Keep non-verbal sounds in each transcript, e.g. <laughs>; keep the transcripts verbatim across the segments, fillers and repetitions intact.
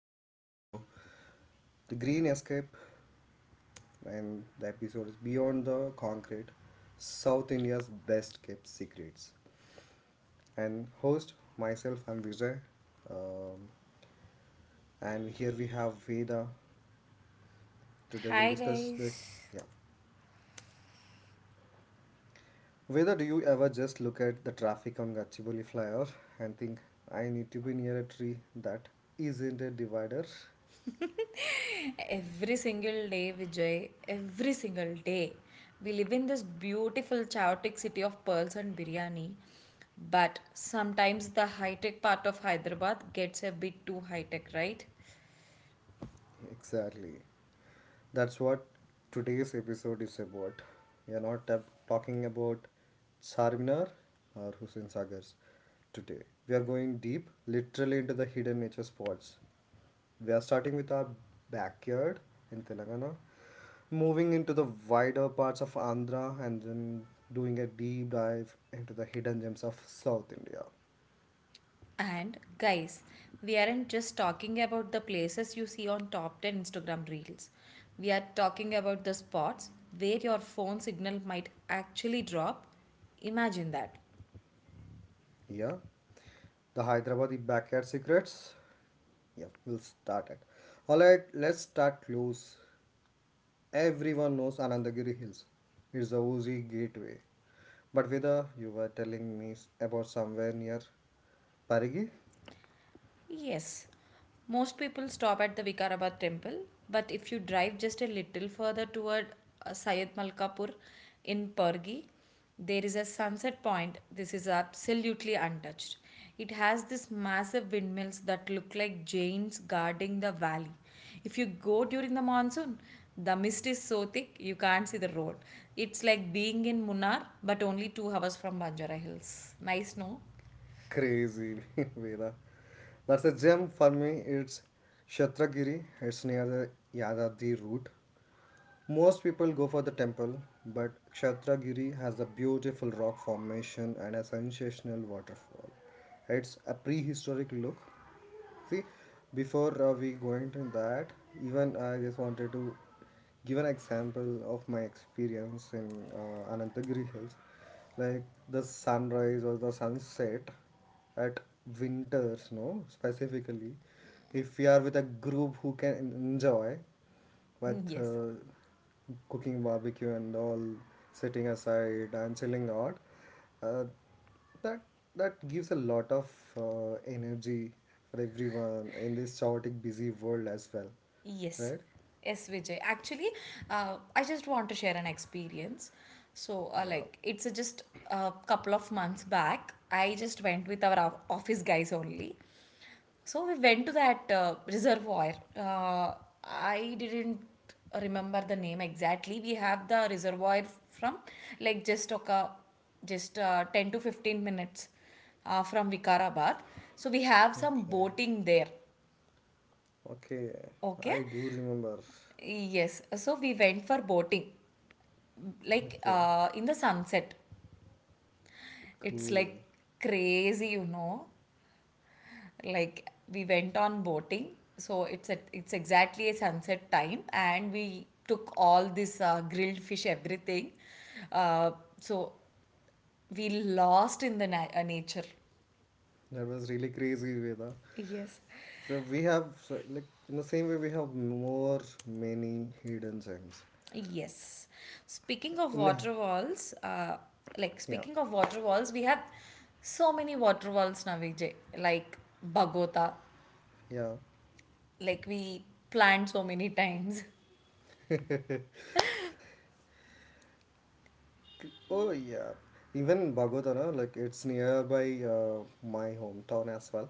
Uh, here we go. The Green Escape, and the episode is Beyond the Concrete, South India's Best Kept Secrets. And host, myself, I'm Vijay. Um, and here we have Veda. Today we'll Hi discuss the. guys. Yeah. Veda, do you ever just look at the traffic on Gachibowli flyover and think, I need to be near a tree that isn't a divider? Every single day, Vijay, every single day, we live in this beautiful, chaotic city of pearls and biryani. But sometimes the high tech part of Hyderabad gets a bit too high tech, right? Exactly. That's what today's episode is about. We are not tab- talking about Charminar or Hussain Sagar's today. We are going deep, literally into the hidden nature spots. We are starting with our backyard in Telangana, moving into the wider parts of Andhra, and then doing a deep dive into the hidden gems of South India. And guys, we aren't just talking about the places you see on top ten Instagram reels. We are talking about the spots where your phone signal might actually drop. Imagine that. Yeah, the Hyderabad backyard secrets. Yeah, we'll start it. All right, let's start close. Everyone knows Anandagiri Hills. It's the Uzi gateway. But Vida, you were telling me s- about somewhere near Parigi? Yes, most people stop at the Vikarabad temple, but if you drive just a little further toward uh, Syed Malkapur in Pergi, there is a sunset point. This is absolutely untouched. It has these massive windmills that look like giants guarding the valley. If you go during the monsoon, the mist is so thick you can't see the road. It's like being in Munnar, but only two hours from Banjara Hills. Nice, no? Crazy, <laughs> Vida. That's a gem for me. It's Kshetragiri. It's near the Yadadri route. Most people go for the temple, but Kshatragiri has a beautiful rock formation and a sensational waterfall. It's a prehistoric look. See, before uh, we go into that, even I just wanted to give an example of my experience in uh, Anantagiri Hills, like the sunrise or the sunset at winters, no, specifically. If we are with a group who can enjoy, <laughs> with Yes. uh, cooking barbecue and all, sitting aside and chilling out. Uh, that that gives a lot of uh, energy for everyone in this chaotic, busy world as well, Yes, right? yes, Vijay. Actually, uh, I just want to share an experience. So, uh, Yeah. like, it's a just a couple of months back. I just went with our o- office guys only. So we went to that uh, reservoir. Uh, I didn't remember the name exactly. We have the reservoir from like just okay, just uh, ten to fifteen minutes uh, from Vikarabad. So we have some Okay. boating there. Okay. Okay. I do remember. Yes, so we went for boating, like Okay. uh, in the sunset. It's Cool. like crazy, you know. Like we went on boating, so it's at it's exactly a sunset time, and we took all this uh, grilled fish, everything. Uh, so we lost in the na- uh, nature. That was really crazy, Veda. Yes. So we have so, like in the same way we have more many hidden gems. Yes. Speaking of In waterfalls, walls, uh, like Yeah, speaking of waterfalls, we have so many waterfalls, walls now, Vijay. Like Bagota, yeah. like we planned so many times. <laughs> <laughs> Oh yeah, even Bhagodana, like it's nearby uh, my hometown as well.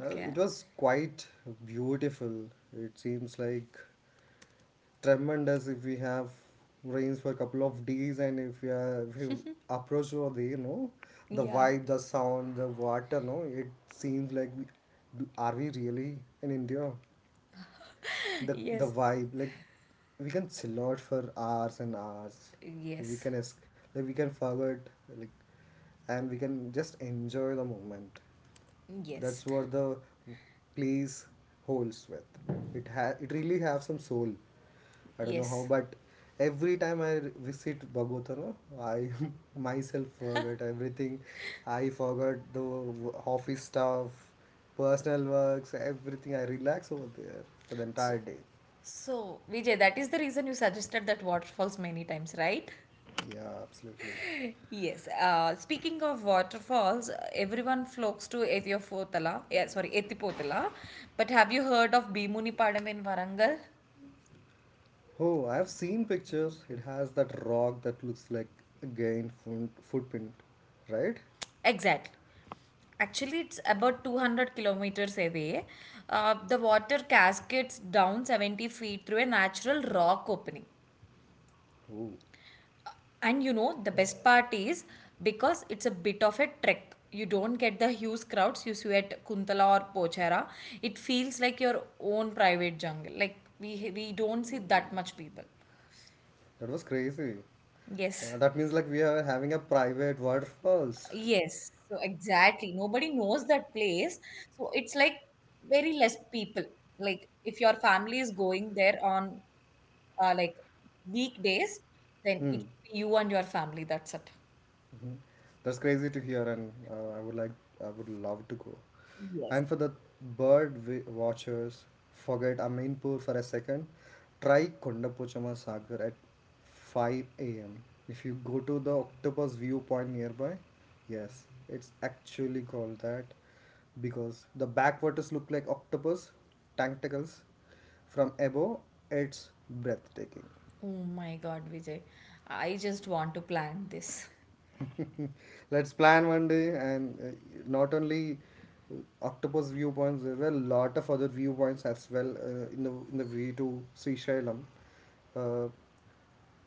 Uh, it was quite beautiful. It seems like tremendous if we have rains for a couple of days and if we are if you approach over there, you know, the Yeah. vibe, the sound, the water, no, it seems like we, do- are we really in India? the the Yes. vibe, like we can chill out for hours and hours. We Yes. can es- like we can forget, like, and we can just enjoy the moment. Yes. That's what the place holds with. It ha- it really have some soul. I don't know how, Yes. but every time I re- visit Bogotá, I <laughs> myself forget everything. I forgot the w- office stuff, personal works, everything. I relax over there for the So, entire day. so Vijay, that is the reason you suggested that waterfalls many times, right? Yeah, absolutely. Yes. Uh, speaking of waterfalls, everyone flocks to Ethiopotala. Yeah, sorry, Ethipotala. But have you heard of Bhimunipadam in Varangal? Oh, I've seen pictures. It has that rock that looks like a giant foot- footprint, right? Exactly. Actually, it's about two hundred kilometers away. Uh, the water cascades down seventy feet through a natural rock opening. Oh. And you know, the best part is because it's a bit of a trek. You don't get the huge crowds you see at Kuntala or Pochera. It feels like your own private jungle. Like we we don't see that much people. That was crazy. Uh, Yes. That means like we are having a private waterfalls. Yes. So exactly. Nobody knows that place. So it's like very less people. Like if your family is going there on uh, like weekdays, then it Hmm. will be you and your family. That's it. Mhm. That's crazy to hear, and uh, I would like, I would love to go. Yes. And for the bird wi- watchers, forget Amirpur for a second. Try Kondapochama Sagar at five a m. If you go to the octopus viewpoint nearby, yes, it's actually called that because the backwaters look like octopus tentacles from above. It's breathtaking. Oh my God, Vijay. I just want to plan this. <laughs> Let's plan one day, and uh, not only octopus viewpoints, there are a lot of other viewpoints as well uh, in the in the way to Srisailam. Uh,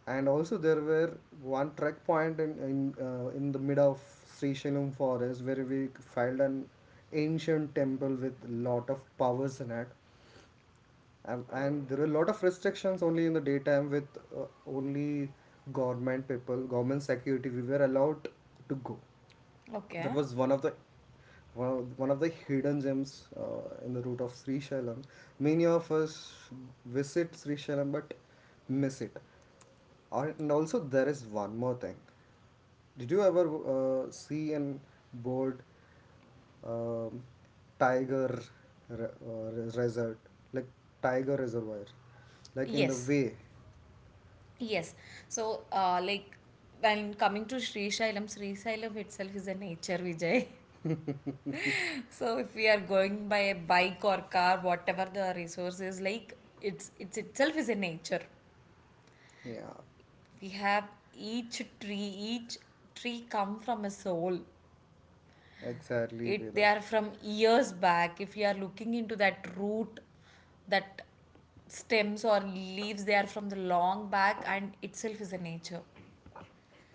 and also there were one trek point in in, uh, in the mid of Srisailam forest where we found an ancient temple with lot of powers in it, um, and there are a lot of restrictions only in the daytime with uh, only government people, government security. We were allowed to go. That Okay. was one of the one of, one of the hidden gems uh, in the route of Sri Shailam. Many of us visit Sri Shailam but miss it. Or- And also, there is one more thing. Did you ever uh, see an board, um, tiger re- uh, re- resort, like tiger reservoir, like in the Yes. way? Yes. So, uh, like, when coming to Sri Sailam, Sri Sailam itself is a nature, Vijay. <laughs> So, if we are going by a bike or car, whatever the resource is, like, it's, it's itself is a nature. Yeah, We have each tree, each tree come from a soul. exactly, It they Veda. are from years back. If you are looking into that root, that stems or leaves, they are from the long back, and itself is a nature.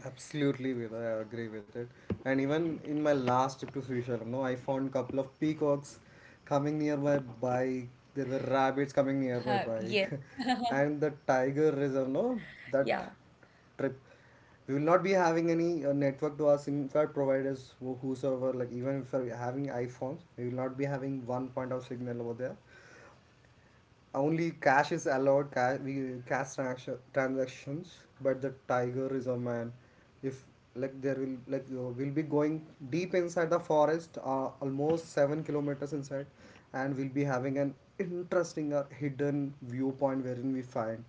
Absolutely, Veda, I agree with it. And even in my last trip to Srishalam, no, I found couple of peacocks coming near my bike. There were rabbits coming near my Huh, yeah. bike, <laughs> and the tiger reserve. No, that Yeah. trip, we will not be having any uh, network to our SIM card providers, who- whosoever. Like even if we are having iPhones, we will not be having one point of signal over there. Only cash is allowed. Cash, we, cash transaction- transactions, but the tiger is a man. If like there will like uh, we'll be going deep inside the forest, uh, almost seven kilometers inside, and we'll be having an interesting or hidden viewpoint wherein we find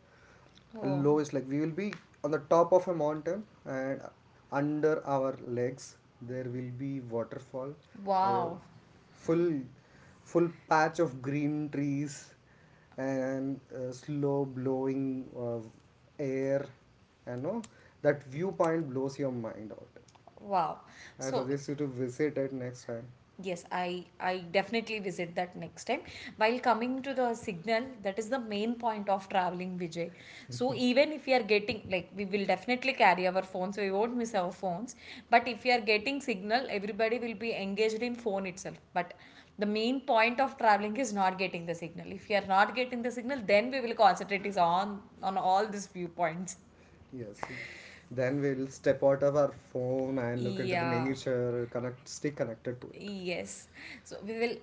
Oh, lowest, like we will be on the top of a mountain and under our legs there will be waterfall, a wow. full full patch of green trees and uh, slow blowing uh, air, and no, that viewpoint blows your mind out. Wow. I So suggest you to visit it next time. yes, I I definitely visit that next time. While coming to the signal, that is the main point of traveling, Vijay. So even if we are getting like we will definitely carry our phones, so we won't miss our phones. But if we are getting signal, everybody will be engaged in phone itself. But the main point of traveling is not getting the signal. If we are not getting the signal, then we will concentrate is on on all these viewpoints. Yes, then we'll step out of our phone and look into the Yeah. nature, connect, stay connected to it. Yes. So we will,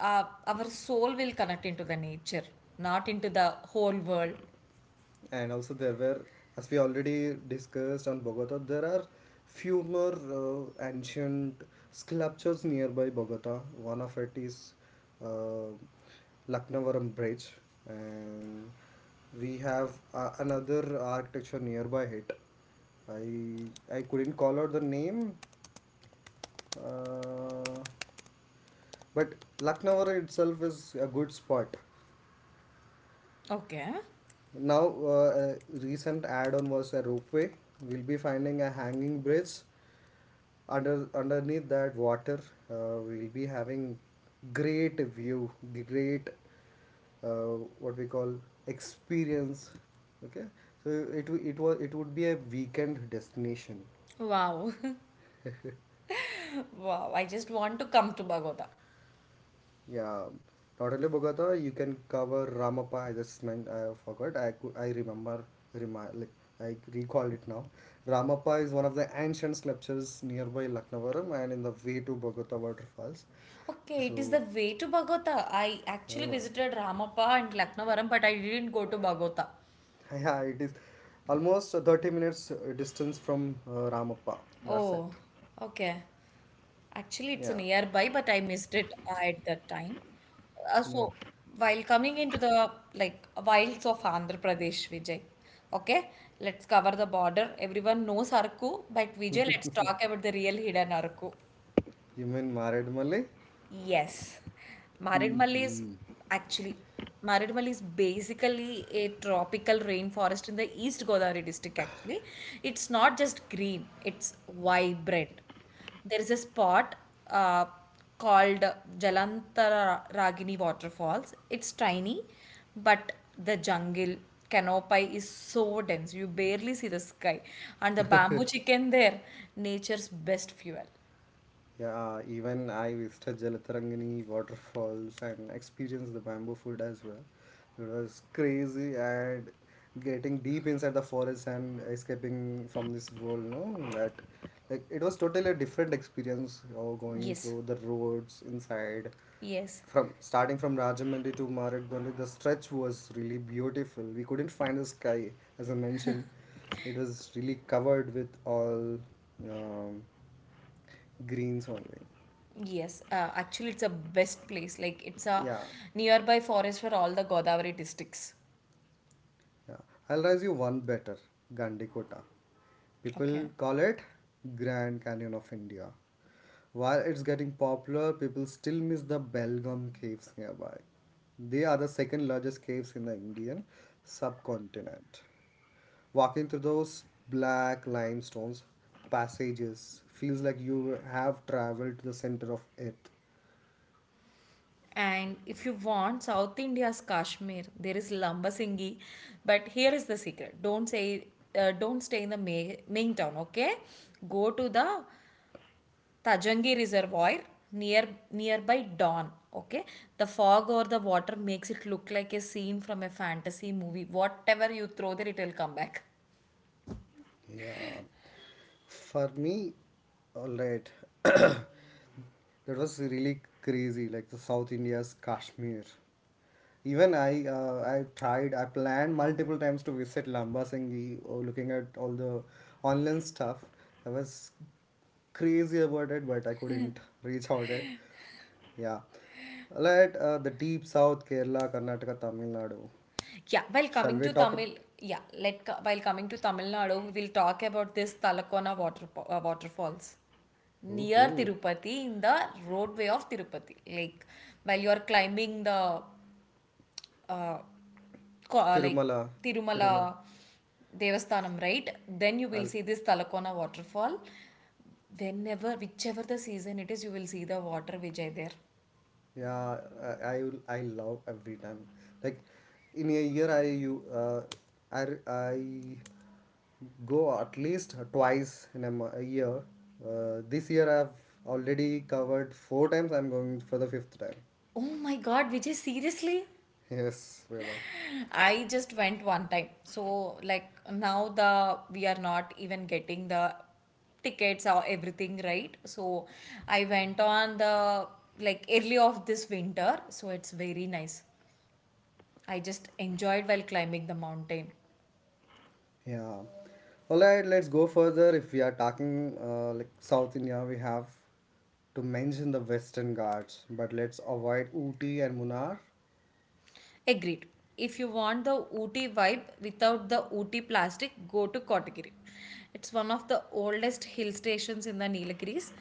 uh, our soul will connect into the nature, not into the whole world. And also there were, as we already discussed on Bogota, there are few more uh, ancient sculptures nearby Bogota. One of it is uh, Lucknavaram bridge, and we have uh, another architecture nearby it. I i couldn't call out the name, uh, but Lucknow itself is a good spot. Okay. Now, uh, a recent add-on was a ropeway. We'll be finding a hanging bridge. Under underneath that water, uh, we'll be having great view, great uh, what we call experience. Okay, so it it was it would be a weekend destination. Wow. <laughs> <laughs> Wow, I just want to come to Bhagota. Yeah, not only Bogota, you can cover Ramappa. I just meant I forgot. I cou- I remember, remi- like I recall it now. Ramappa is one of the ancient sculptures nearby Lucknowaram and in the way to Bogota waterfalls. Okay, it is So, the way to Bhagota. I actually uh, visited Ramappa and Laknavaram, but I didn't go to Bhagota. <laughs> yeah, it is almost thirty minutes uh, distance from uh, Ramappa. That's it. Oh, okay. Actually, it's Yeah, nearby, but I missed it at that time. Uh, so, yeah. while coming into the like wilds of Andhra Pradesh, Vijay, okay, let's cover the border. Everyone knows Araku, but Vijay, let's talk about the real hidden Araku. You mean Maradmalai? Yes. Maridmal is Mm-hmm. actually Maridmal is basically a tropical rainforest in the East Godavari district actually. It's not just green, it's vibrant. There is a spot uh, called Jalantara Ragini Waterfalls. It's tiny, but the jungle canopy is so dense. You barely see the sky. And the bamboo chicken there, nature's best fuel. Yeah, uh, even I visited Jalatarangani waterfalls and experienced the bamboo food as well. It was crazy and getting deep inside the forest and escaping from this world, no? That like it was totally a different experience or going Yes, through the roads inside yes. from starting from Rajahmundry to Maratbandi, the stretch was really beautiful. We couldn't find the sky, as I mentioned. It was really covered with all um, greens only. Yes, uh, actually, it's a best place. Like it's a Yeah, nearby forest for all the Godavari districts. yeah. I'll raise you one better, Gandikota. Okay. People call it Grand Canyon of India. While it's getting popular, people still miss the Belgaum caves nearby. They are the second largest caves in the Indian subcontinent. Walking through those black limestones passages feels like you have traveled to the center of earth. And if you want South India's Kashmir, there is Lambasinghi. But here is the secret: don't say, uh, don't stay in the main, main town. Okay, go to the Tajangi Reservoir near nearby dawn. Okay, the fog or the water makes it look like a scene from a fantasy movie. Whatever you throw there, it will come back. Yeah, for me, all right, <clears throat> that was really crazy. Like the South India's Kashmir. Even I, uh, I tried. I planned multiple times to visit Lambasinghi. Or looking at all the online stuff, I was crazy about it, but I couldn't reach out it. Yeah, let uh, the deep South, Kerala, Karnataka, Tamil Nadu. Yeah, while Shall coming we to talk Tamil, about? yeah, let co- while coming to Tamil Nadu, we'll talk about this Talakona water uh, waterfalls near Ooh, Tirupati in the roadway of Tirupati. Like while you are climbing the co- uh, like Tirumala, Tirumala Tirumala. Devasthanam, right? Then you will I'll, see this Talakona waterfall. Whenever, whichever the season it is, you will see the water Vijay there. yeah, I, I will- I love every time. Like in a year, I you uh, I I go at least twice in a, mo- a year. Uh, this year, I've already covered four times. I'm going for the fifth time. <laughs> Oh my God, Vijay, seriously? Yes, Veda. I just went one time. So like now the we are not even getting the tickets or everything right. So I went on the like early of this winter. So it's very nice. I just enjoyed while climbing the mountain. Yeah. All right, let's go further. If we are talking uh, like South India, we have to mention the Western Ghats, but let's avoid Ooty and Munnar. Agreed. If you want the Ooty vibe without the Ooty plastic, go to Kotagiri. It's one of the oldest hill stations in the Nilgiris.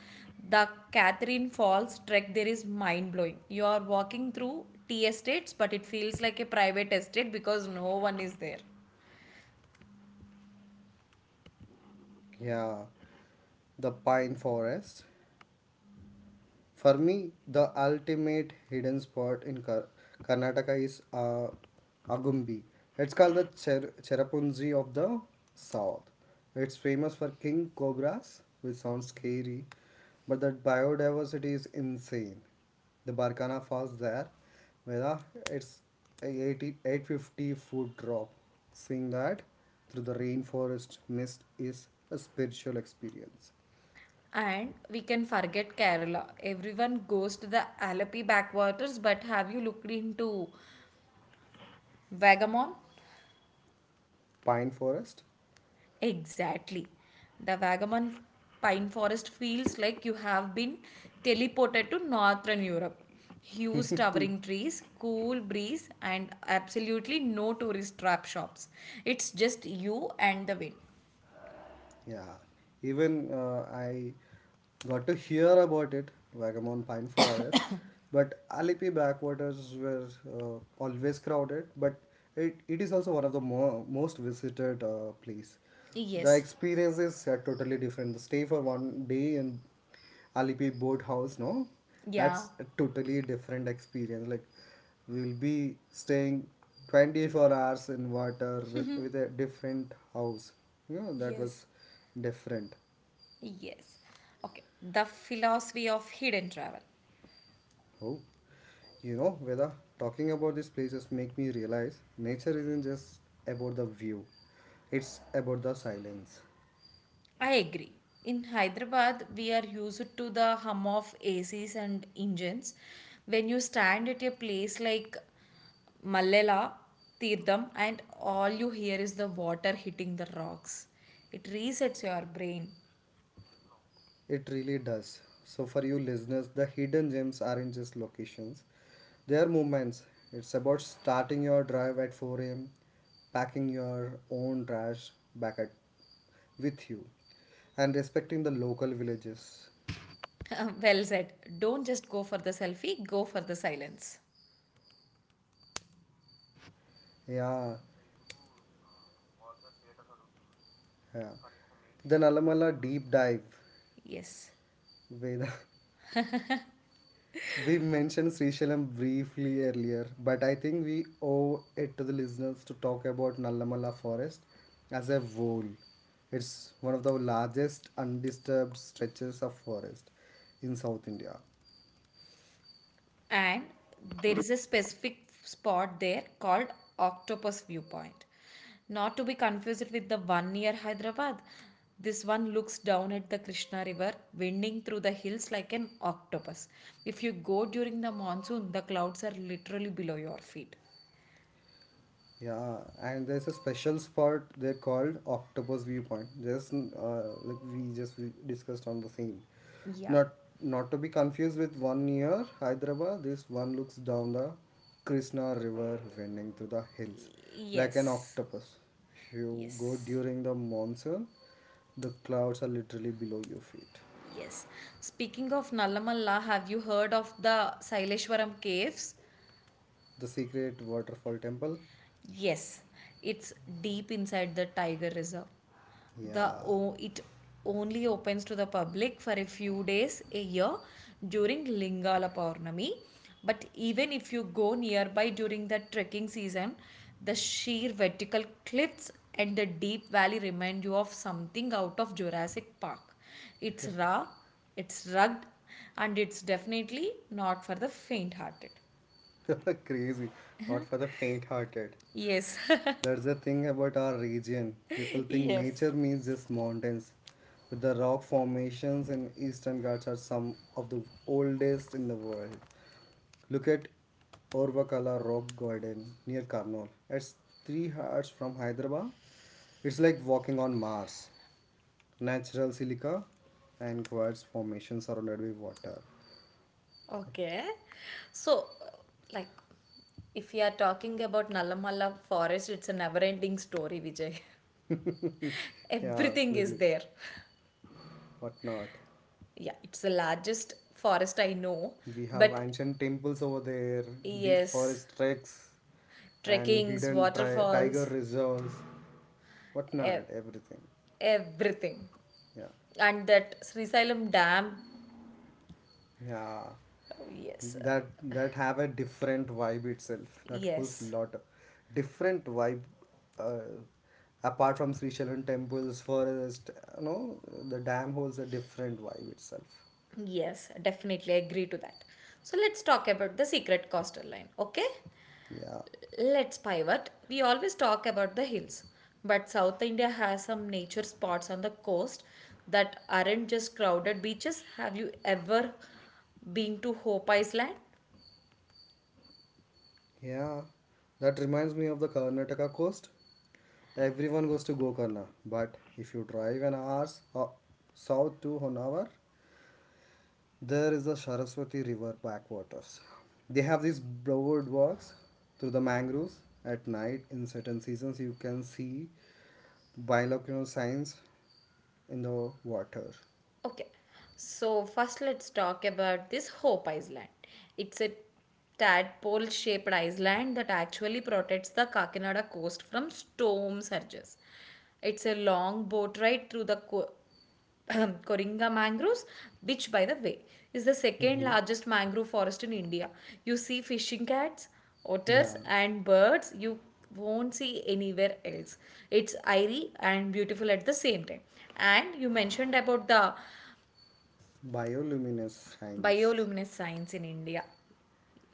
The Catherine Falls trek there is mind blowing. You are walking through tea estates, but it feels like a private estate because no one is there. Yeah, the pine forest. For me, the ultimate hidden spot in Kar- Karnataka is uh, Agumbi. It's called the Cher- Cherrapunji of the South. It's famous for king cobras, which sounds scary, but the biodiversity is insane. The Barkana Falls there, where uh, it's a eighty, eight fifty foot drop. Seeing that through the rainforest mist is a spiritual experience. And we can forget Kerala. Everyone goes to the Alapi backwaters, but have you looked into Vagamon? Pine forest. Exactly. The Vagamon pine forest feels like you have been teleported to northern Europe. Huge towering trees, cool breeze, and absolutely no tourist trap shops. It's just you and the wind. Yeah, even uh, I got to hear about it, Vagamon Pine Forest, but Alipi backwaters were uh, always crowded, but it, it is also one of the mo most visited uh, place. The Yes. experiences are totally different. Stay for one day in Alipi boat house, no? Yeah. That's a totally different experience. Like we'll be staying twenty-four hours in water with, with a different house. You know, that Yes. was different. Yes. Okay. The philosophy of hidden travel. Oh, you know, whether talking about these places make me realize nature isn't just about the view. It's about the silence. I agree. In Hyderabad, we are used to the hum of A Cs and engines. When you stand at a place like Mallela, Tirtham, and all you hear is the water hitting the rocks, it resets your brain. It really does. So, for you listeners, the hidden gems aren't just locations, they are movements. It's about starting your drive at four a m, packing your own trash back at, with you, and respecting the local villages. <laughs> Well said. Don't just go for the selfie, go for the silence. Yeah, yeah. Then Alamala deep dive. Yes. Veda, <laughs> we mentioned Srishalam briefly earlier, but I think we owe it to the listeners to talk about Nallamala forest as a whole. It's one of the largest undisturbed stretches of forest in South India. And there is a specific spot there called octopus viewpoint, not to be confused with the one near Hyderabad. This one looks down at the Krishna river, winding through the hills like an octopus. If you go during the monsoon, the clouds are literally below your feet. Yeah, and there's a special spot they're called Octopus Viewpoint. Just uh, like we just we discussed on the same. Yeah. Not not to be confused with one near Hyderabad. This one looks down the Krishna River, winding through the hills, like an Yes. octopus. If you go Yes. during the monsoon, the clouds are literally below your feet. Yes. Speaking of Nalamalla, have you heard of the Saileshwaram caves? The secret waterfall temple. Yes, it's deep inside the tiger reserve. The Yeah, o- it only opens to the public for a few days a year during Lingala Purnami. But even if you go nearby during the trekking season, the sheer vertical cliffs and the deep valley remind you of something out of Jurassic Park. It's raw, it's rugged, and it's definitely not for the faint-hearted. <laughs> crazy. Not for the faint-hearted. Yes. That's the thing about our region. People <laughs> think Yes. nature means just mountains, but the rock formations in Eastern Ghats are some of the oldest in the world. Look at Orvakala Rock Garden near Karnal. It's three hours from Hyderabad. It's like walking on Mars. Natural silica and quartz formations surrounded by water. Okay. So, uh, like, if we are talking about Nalamala forest, it's a never ending story, Vijay. <laughs> <laughs> Yeah, Everything is absolutely. there. What not? Yeah, it's the largest forest I know. We have But ancient temples over there, deep yes, forest treks, and trekkings, hidden tri- tiger waterfalls, reserves, whatnot, ev- everything. everything. Yeah, And that Sri Sailam Dam. yeah. Yes, That uh, that have a different vibe itself. That holds yes, lot, different vibe. Uh, Apart from Sri Shailan temples, forest, you know, the dam holds a different vibe itself. yes, definitely I agree to that. So, let's talk about the secret coastal line, okay? Yeah. Let's pivot. We always talk about the hills, but South India has some nature spots on the coast that aren't just crowded beaches. Have you ever been to Hope Island? Yeah, that reminds me of the Karnataka coast. Everyone goes to Gokarna, but if you drive an hour s- uh, south to Honavar, there is the Saraswati River backwaters. They have these broad walks through the mangroves at night. In certain seasons, you can see bilocular signs in the water. Okay, so first let's talk about this Hope Island. It's a tadpole shaped island that actually protects the Kakinada coast from storm surges. It's a long boat ride through the co- <clears throat> Coringa mangroves, which by the way is the second Hmm. largest mangrove forest in India. You see fishing cats, otters, Yeah, and birds you won't see anywhere else. It's airy and beautiful at the same time. And you mentioned about the bioluminescence signs. bioluminescence science in India,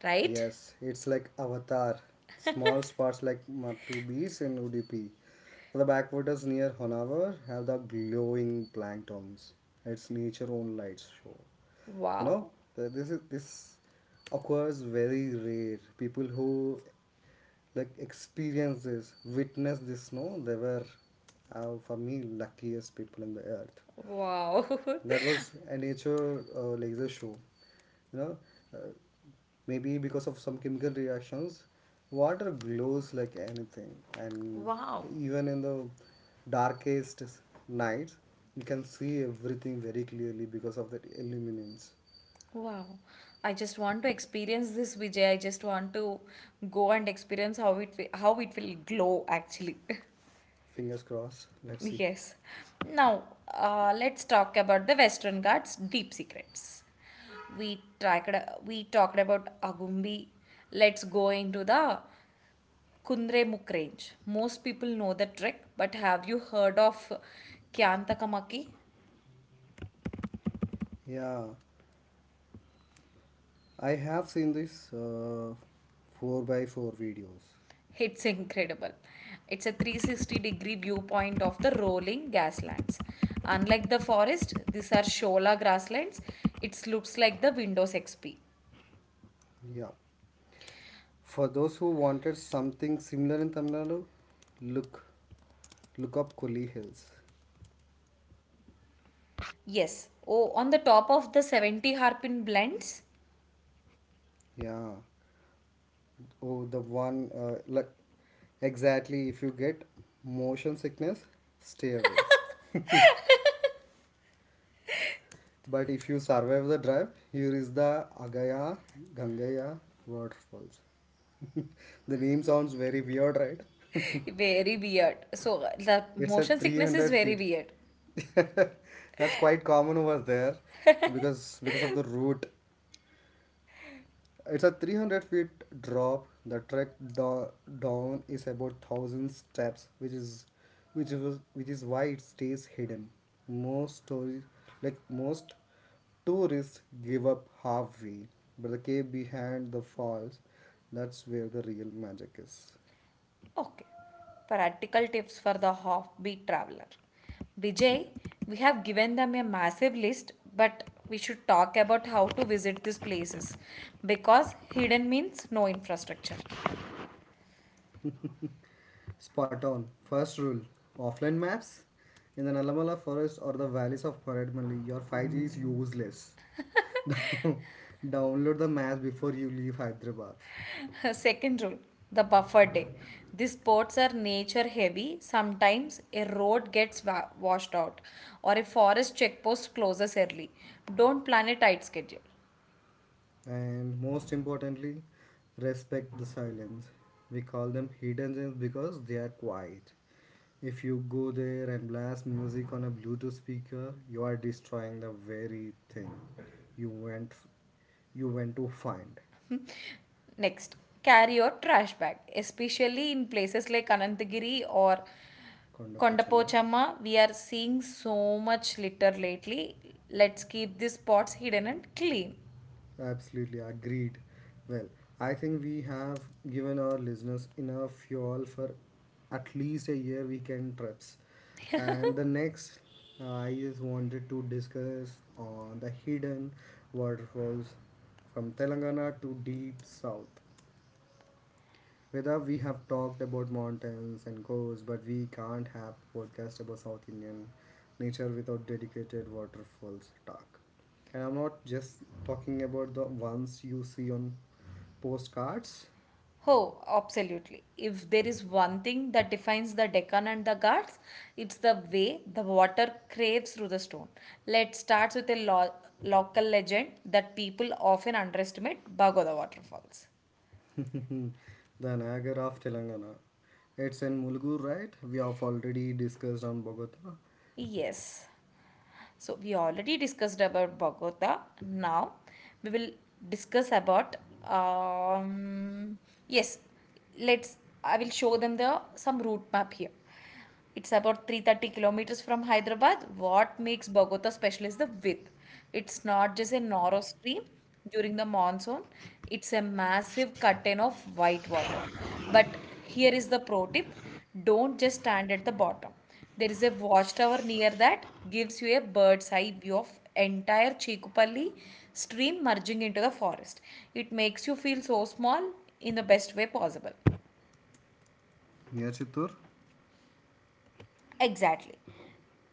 right? Yes, it's like Avatar. Small spots like Matu Beach in Udupi. The backwaters near Honavar have the glowing planktons. It's nature own light show. You know, Wow. th- this is this occurs very rare. People who like experience this, witness this, no, they were uh, for me luckiest people in the earth. Wow. That was a nature uh, laser show. You know, uh, Maybe because of some chemical reactions, water glows like anything, <laughs> and Wow. even in the darkest nights, you can see everything very clearly because of that illuminance. Wow. I just want to experience this, Vijay. I just want to go and experience how it wi- how it will glow actually. <laughs> Fingers crossed. Let's see. Yes. Now, uh, let's talk about the Western Ghats deep secrets. We tracked, we talked about Agumbi. Let's go into the Kunremukh Range. Most people know the trek, but have you heard of Kyantakamaki? Yeah, I have seen this uh, four by four videos. It's incredible. It's a three sixty degree viewpoint of the rolling grasslands. Unlike the forest, these are Shola grasslands. It looks like the Windows X P. Yeah. For those who wanted something similar in Tamil Nadu, look look up Koli Hills. Yes. Oh, on the top of the seventy harpin blends. Yeah. Oh, the one uh, like exactly if you get motion sickness, stay away. <laughs> But if you survive the drive, here is the Agaya Gangaya waterfalls. <laughs> The name sounds very weird, right? <laughs> Very weird. So the <laughs> It's at motion sickness is three hundred very feet. weird. <laughs> That's quite common over there because because of the route. It's a three hundred feet drop. The trek do- down is about one thousand steps, which is which is which is why it stays hidden. Most tourists like Most tourists give up halfway, but the cave behind the falls, that's where the real magic is. Okay. Practical tips for the offbeat traveler. Yeah. Vijay, we have given them a massive list, but we should talk about how to visit these places because hidden means no infrastructure. Spot on. First rule, offline maps. In the Nalamala forest or the valleys of Paradmali, your five G is useless. <laughs> Down- Download the maps before you leave Hyderabad. <laughs> Second rule, the buffer day. These sports are nature heavy. Sometimes a road gets wa- washed out or a forest checkpost closes early. Don't plan a tight schedule. And most importantly, respect the silence. We call them hidden gems because they are quiet. If you go there and blast music on a Bluetooth speaker, you are destroying the very thing you went you went to find. Next, carry your trash bag, especially in places like Anantagiri or Konda Pochama. Kondapochama. We are seeing so much litter lately. Let's keep these spots hidden and clean. Absolutely agreed. Well, I think we have given our listeners enough fuel for at least a year weekend trips. And the next, uh, I just wanted to discuss on the hidden waterfalls from Telangana to deep south. Whether we have talked about mountains and coasts, but we can't have podcast about South Indian nature without dedicated waterfalls talk. And I'm not just talking about the ones you see on postcards. Oh, absolutely. If there is one thing that defines the Deccan and the Ghats, it's the way the water craves through the stone. Let's start with a lo- local legend that people often underestimate Bagoda waterfalls. <laughs> The Niagara of Telangana. It's in Mulgu, right? We have already discussed on Bogota, Yes. So we already discussed about Bogota. Now we will discuss about um, yes. Let's. I will show them the some route map here. It's about three hundred thirty kilometers from Hyderabad. What makes Bogota special is the width. It's not just a narrow stream during the monsoon, it's a massive curtain of white water. But here is the pro tip, don't just stand at the bottom. There is a watchtower near that gives you a bird's eye view of entire Chikupalli stream merging into the forest. It makes you feel so small in the best way possible. near Chittur. Exactly.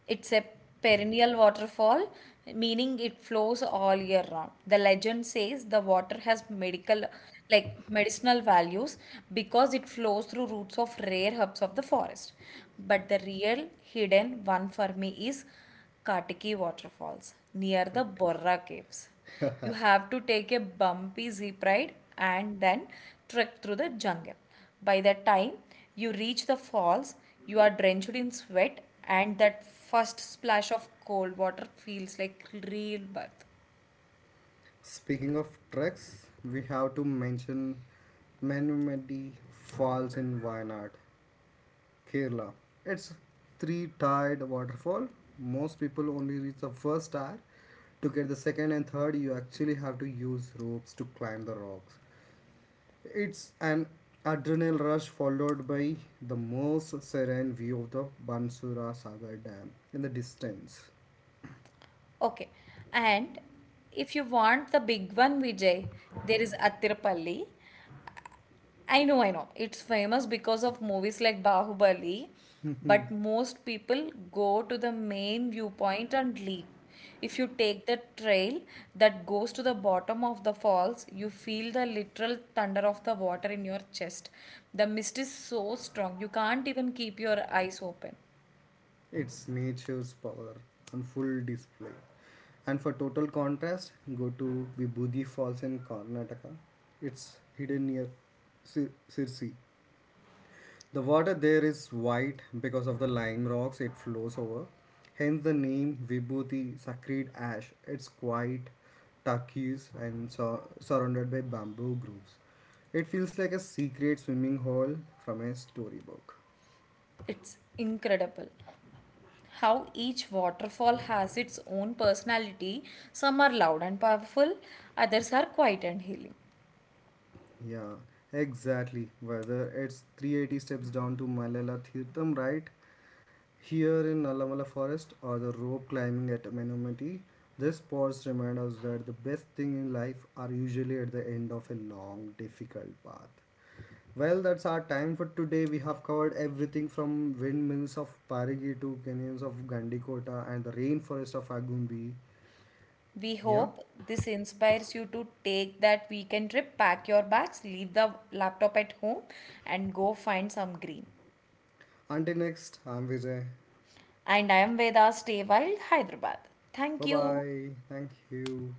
It's a perennial waterfall, meaning it flows all year round. The legend says the water has medical, like medicinal values because it flows through roots of rare herbs of the forest. But the real hidden one for me is Katiki waterfalls near But the Borra caves. You have to take a bumpy zip ride and then trek through the jungle. By the time you reach the falls, you are drenched in sweat, and that first splash of cold water feels like real birth. Speaking of treks, we have to mention Manumedi Falls in Wayanad, Kerala. It's three tiered waterfall. Most people only reach the first tier. To get the second and third, you actually have to use ropes to climb the rocks. It's an adrenaline rush followed by the most serene view of the Bansura Sagar Dam in the distance. Okay, and if you want the big one, Vijay, there is Attirpalli. I know, I know. It's famous because of movies like Bahubali, but <laughs> most people go to the main viewpoint and leave. If you take the trail that goes to the bottom of the falls, you feel the literal thunder of the water in your chest. The mist is so strong, you can't even keep your eyes open. It's nature's power on full display. And for total contrast, go to Vibhuti Falls in Karnataka. It's hidden near Sir- Sirsi. The water there is white because of the lime rocks it flows over. Hence the name Vibhuti Sacred Ash. It's quite turquoise and so- surrounded by bamboo groves. It feels like a secret swimming hole from a storybook. It's incredible how each waterfall has its own personality. Some are loud and powerful, others are quiet and healing. Yeah, exactly. Whether it's three hundred eighty steps down to Malala Tirtham, right? Here in Allamala Forest or the rope climbing at Manumati, these spots remind us that the best thing in life are usually at the end of a long, difficult path. Well, that's our time for today. We have covered everything from windmills of Parigi to canyons of Gandikota and the rainforest of Agumbi. We Yeah. hope this inspires you to take that weekend trip, pack your bags, leave the laptop at home, and go find some green. Until next, I'm Vijay. And I am Veda, stay wild, Hyderabad. Thank Bye you. bye. Thank you.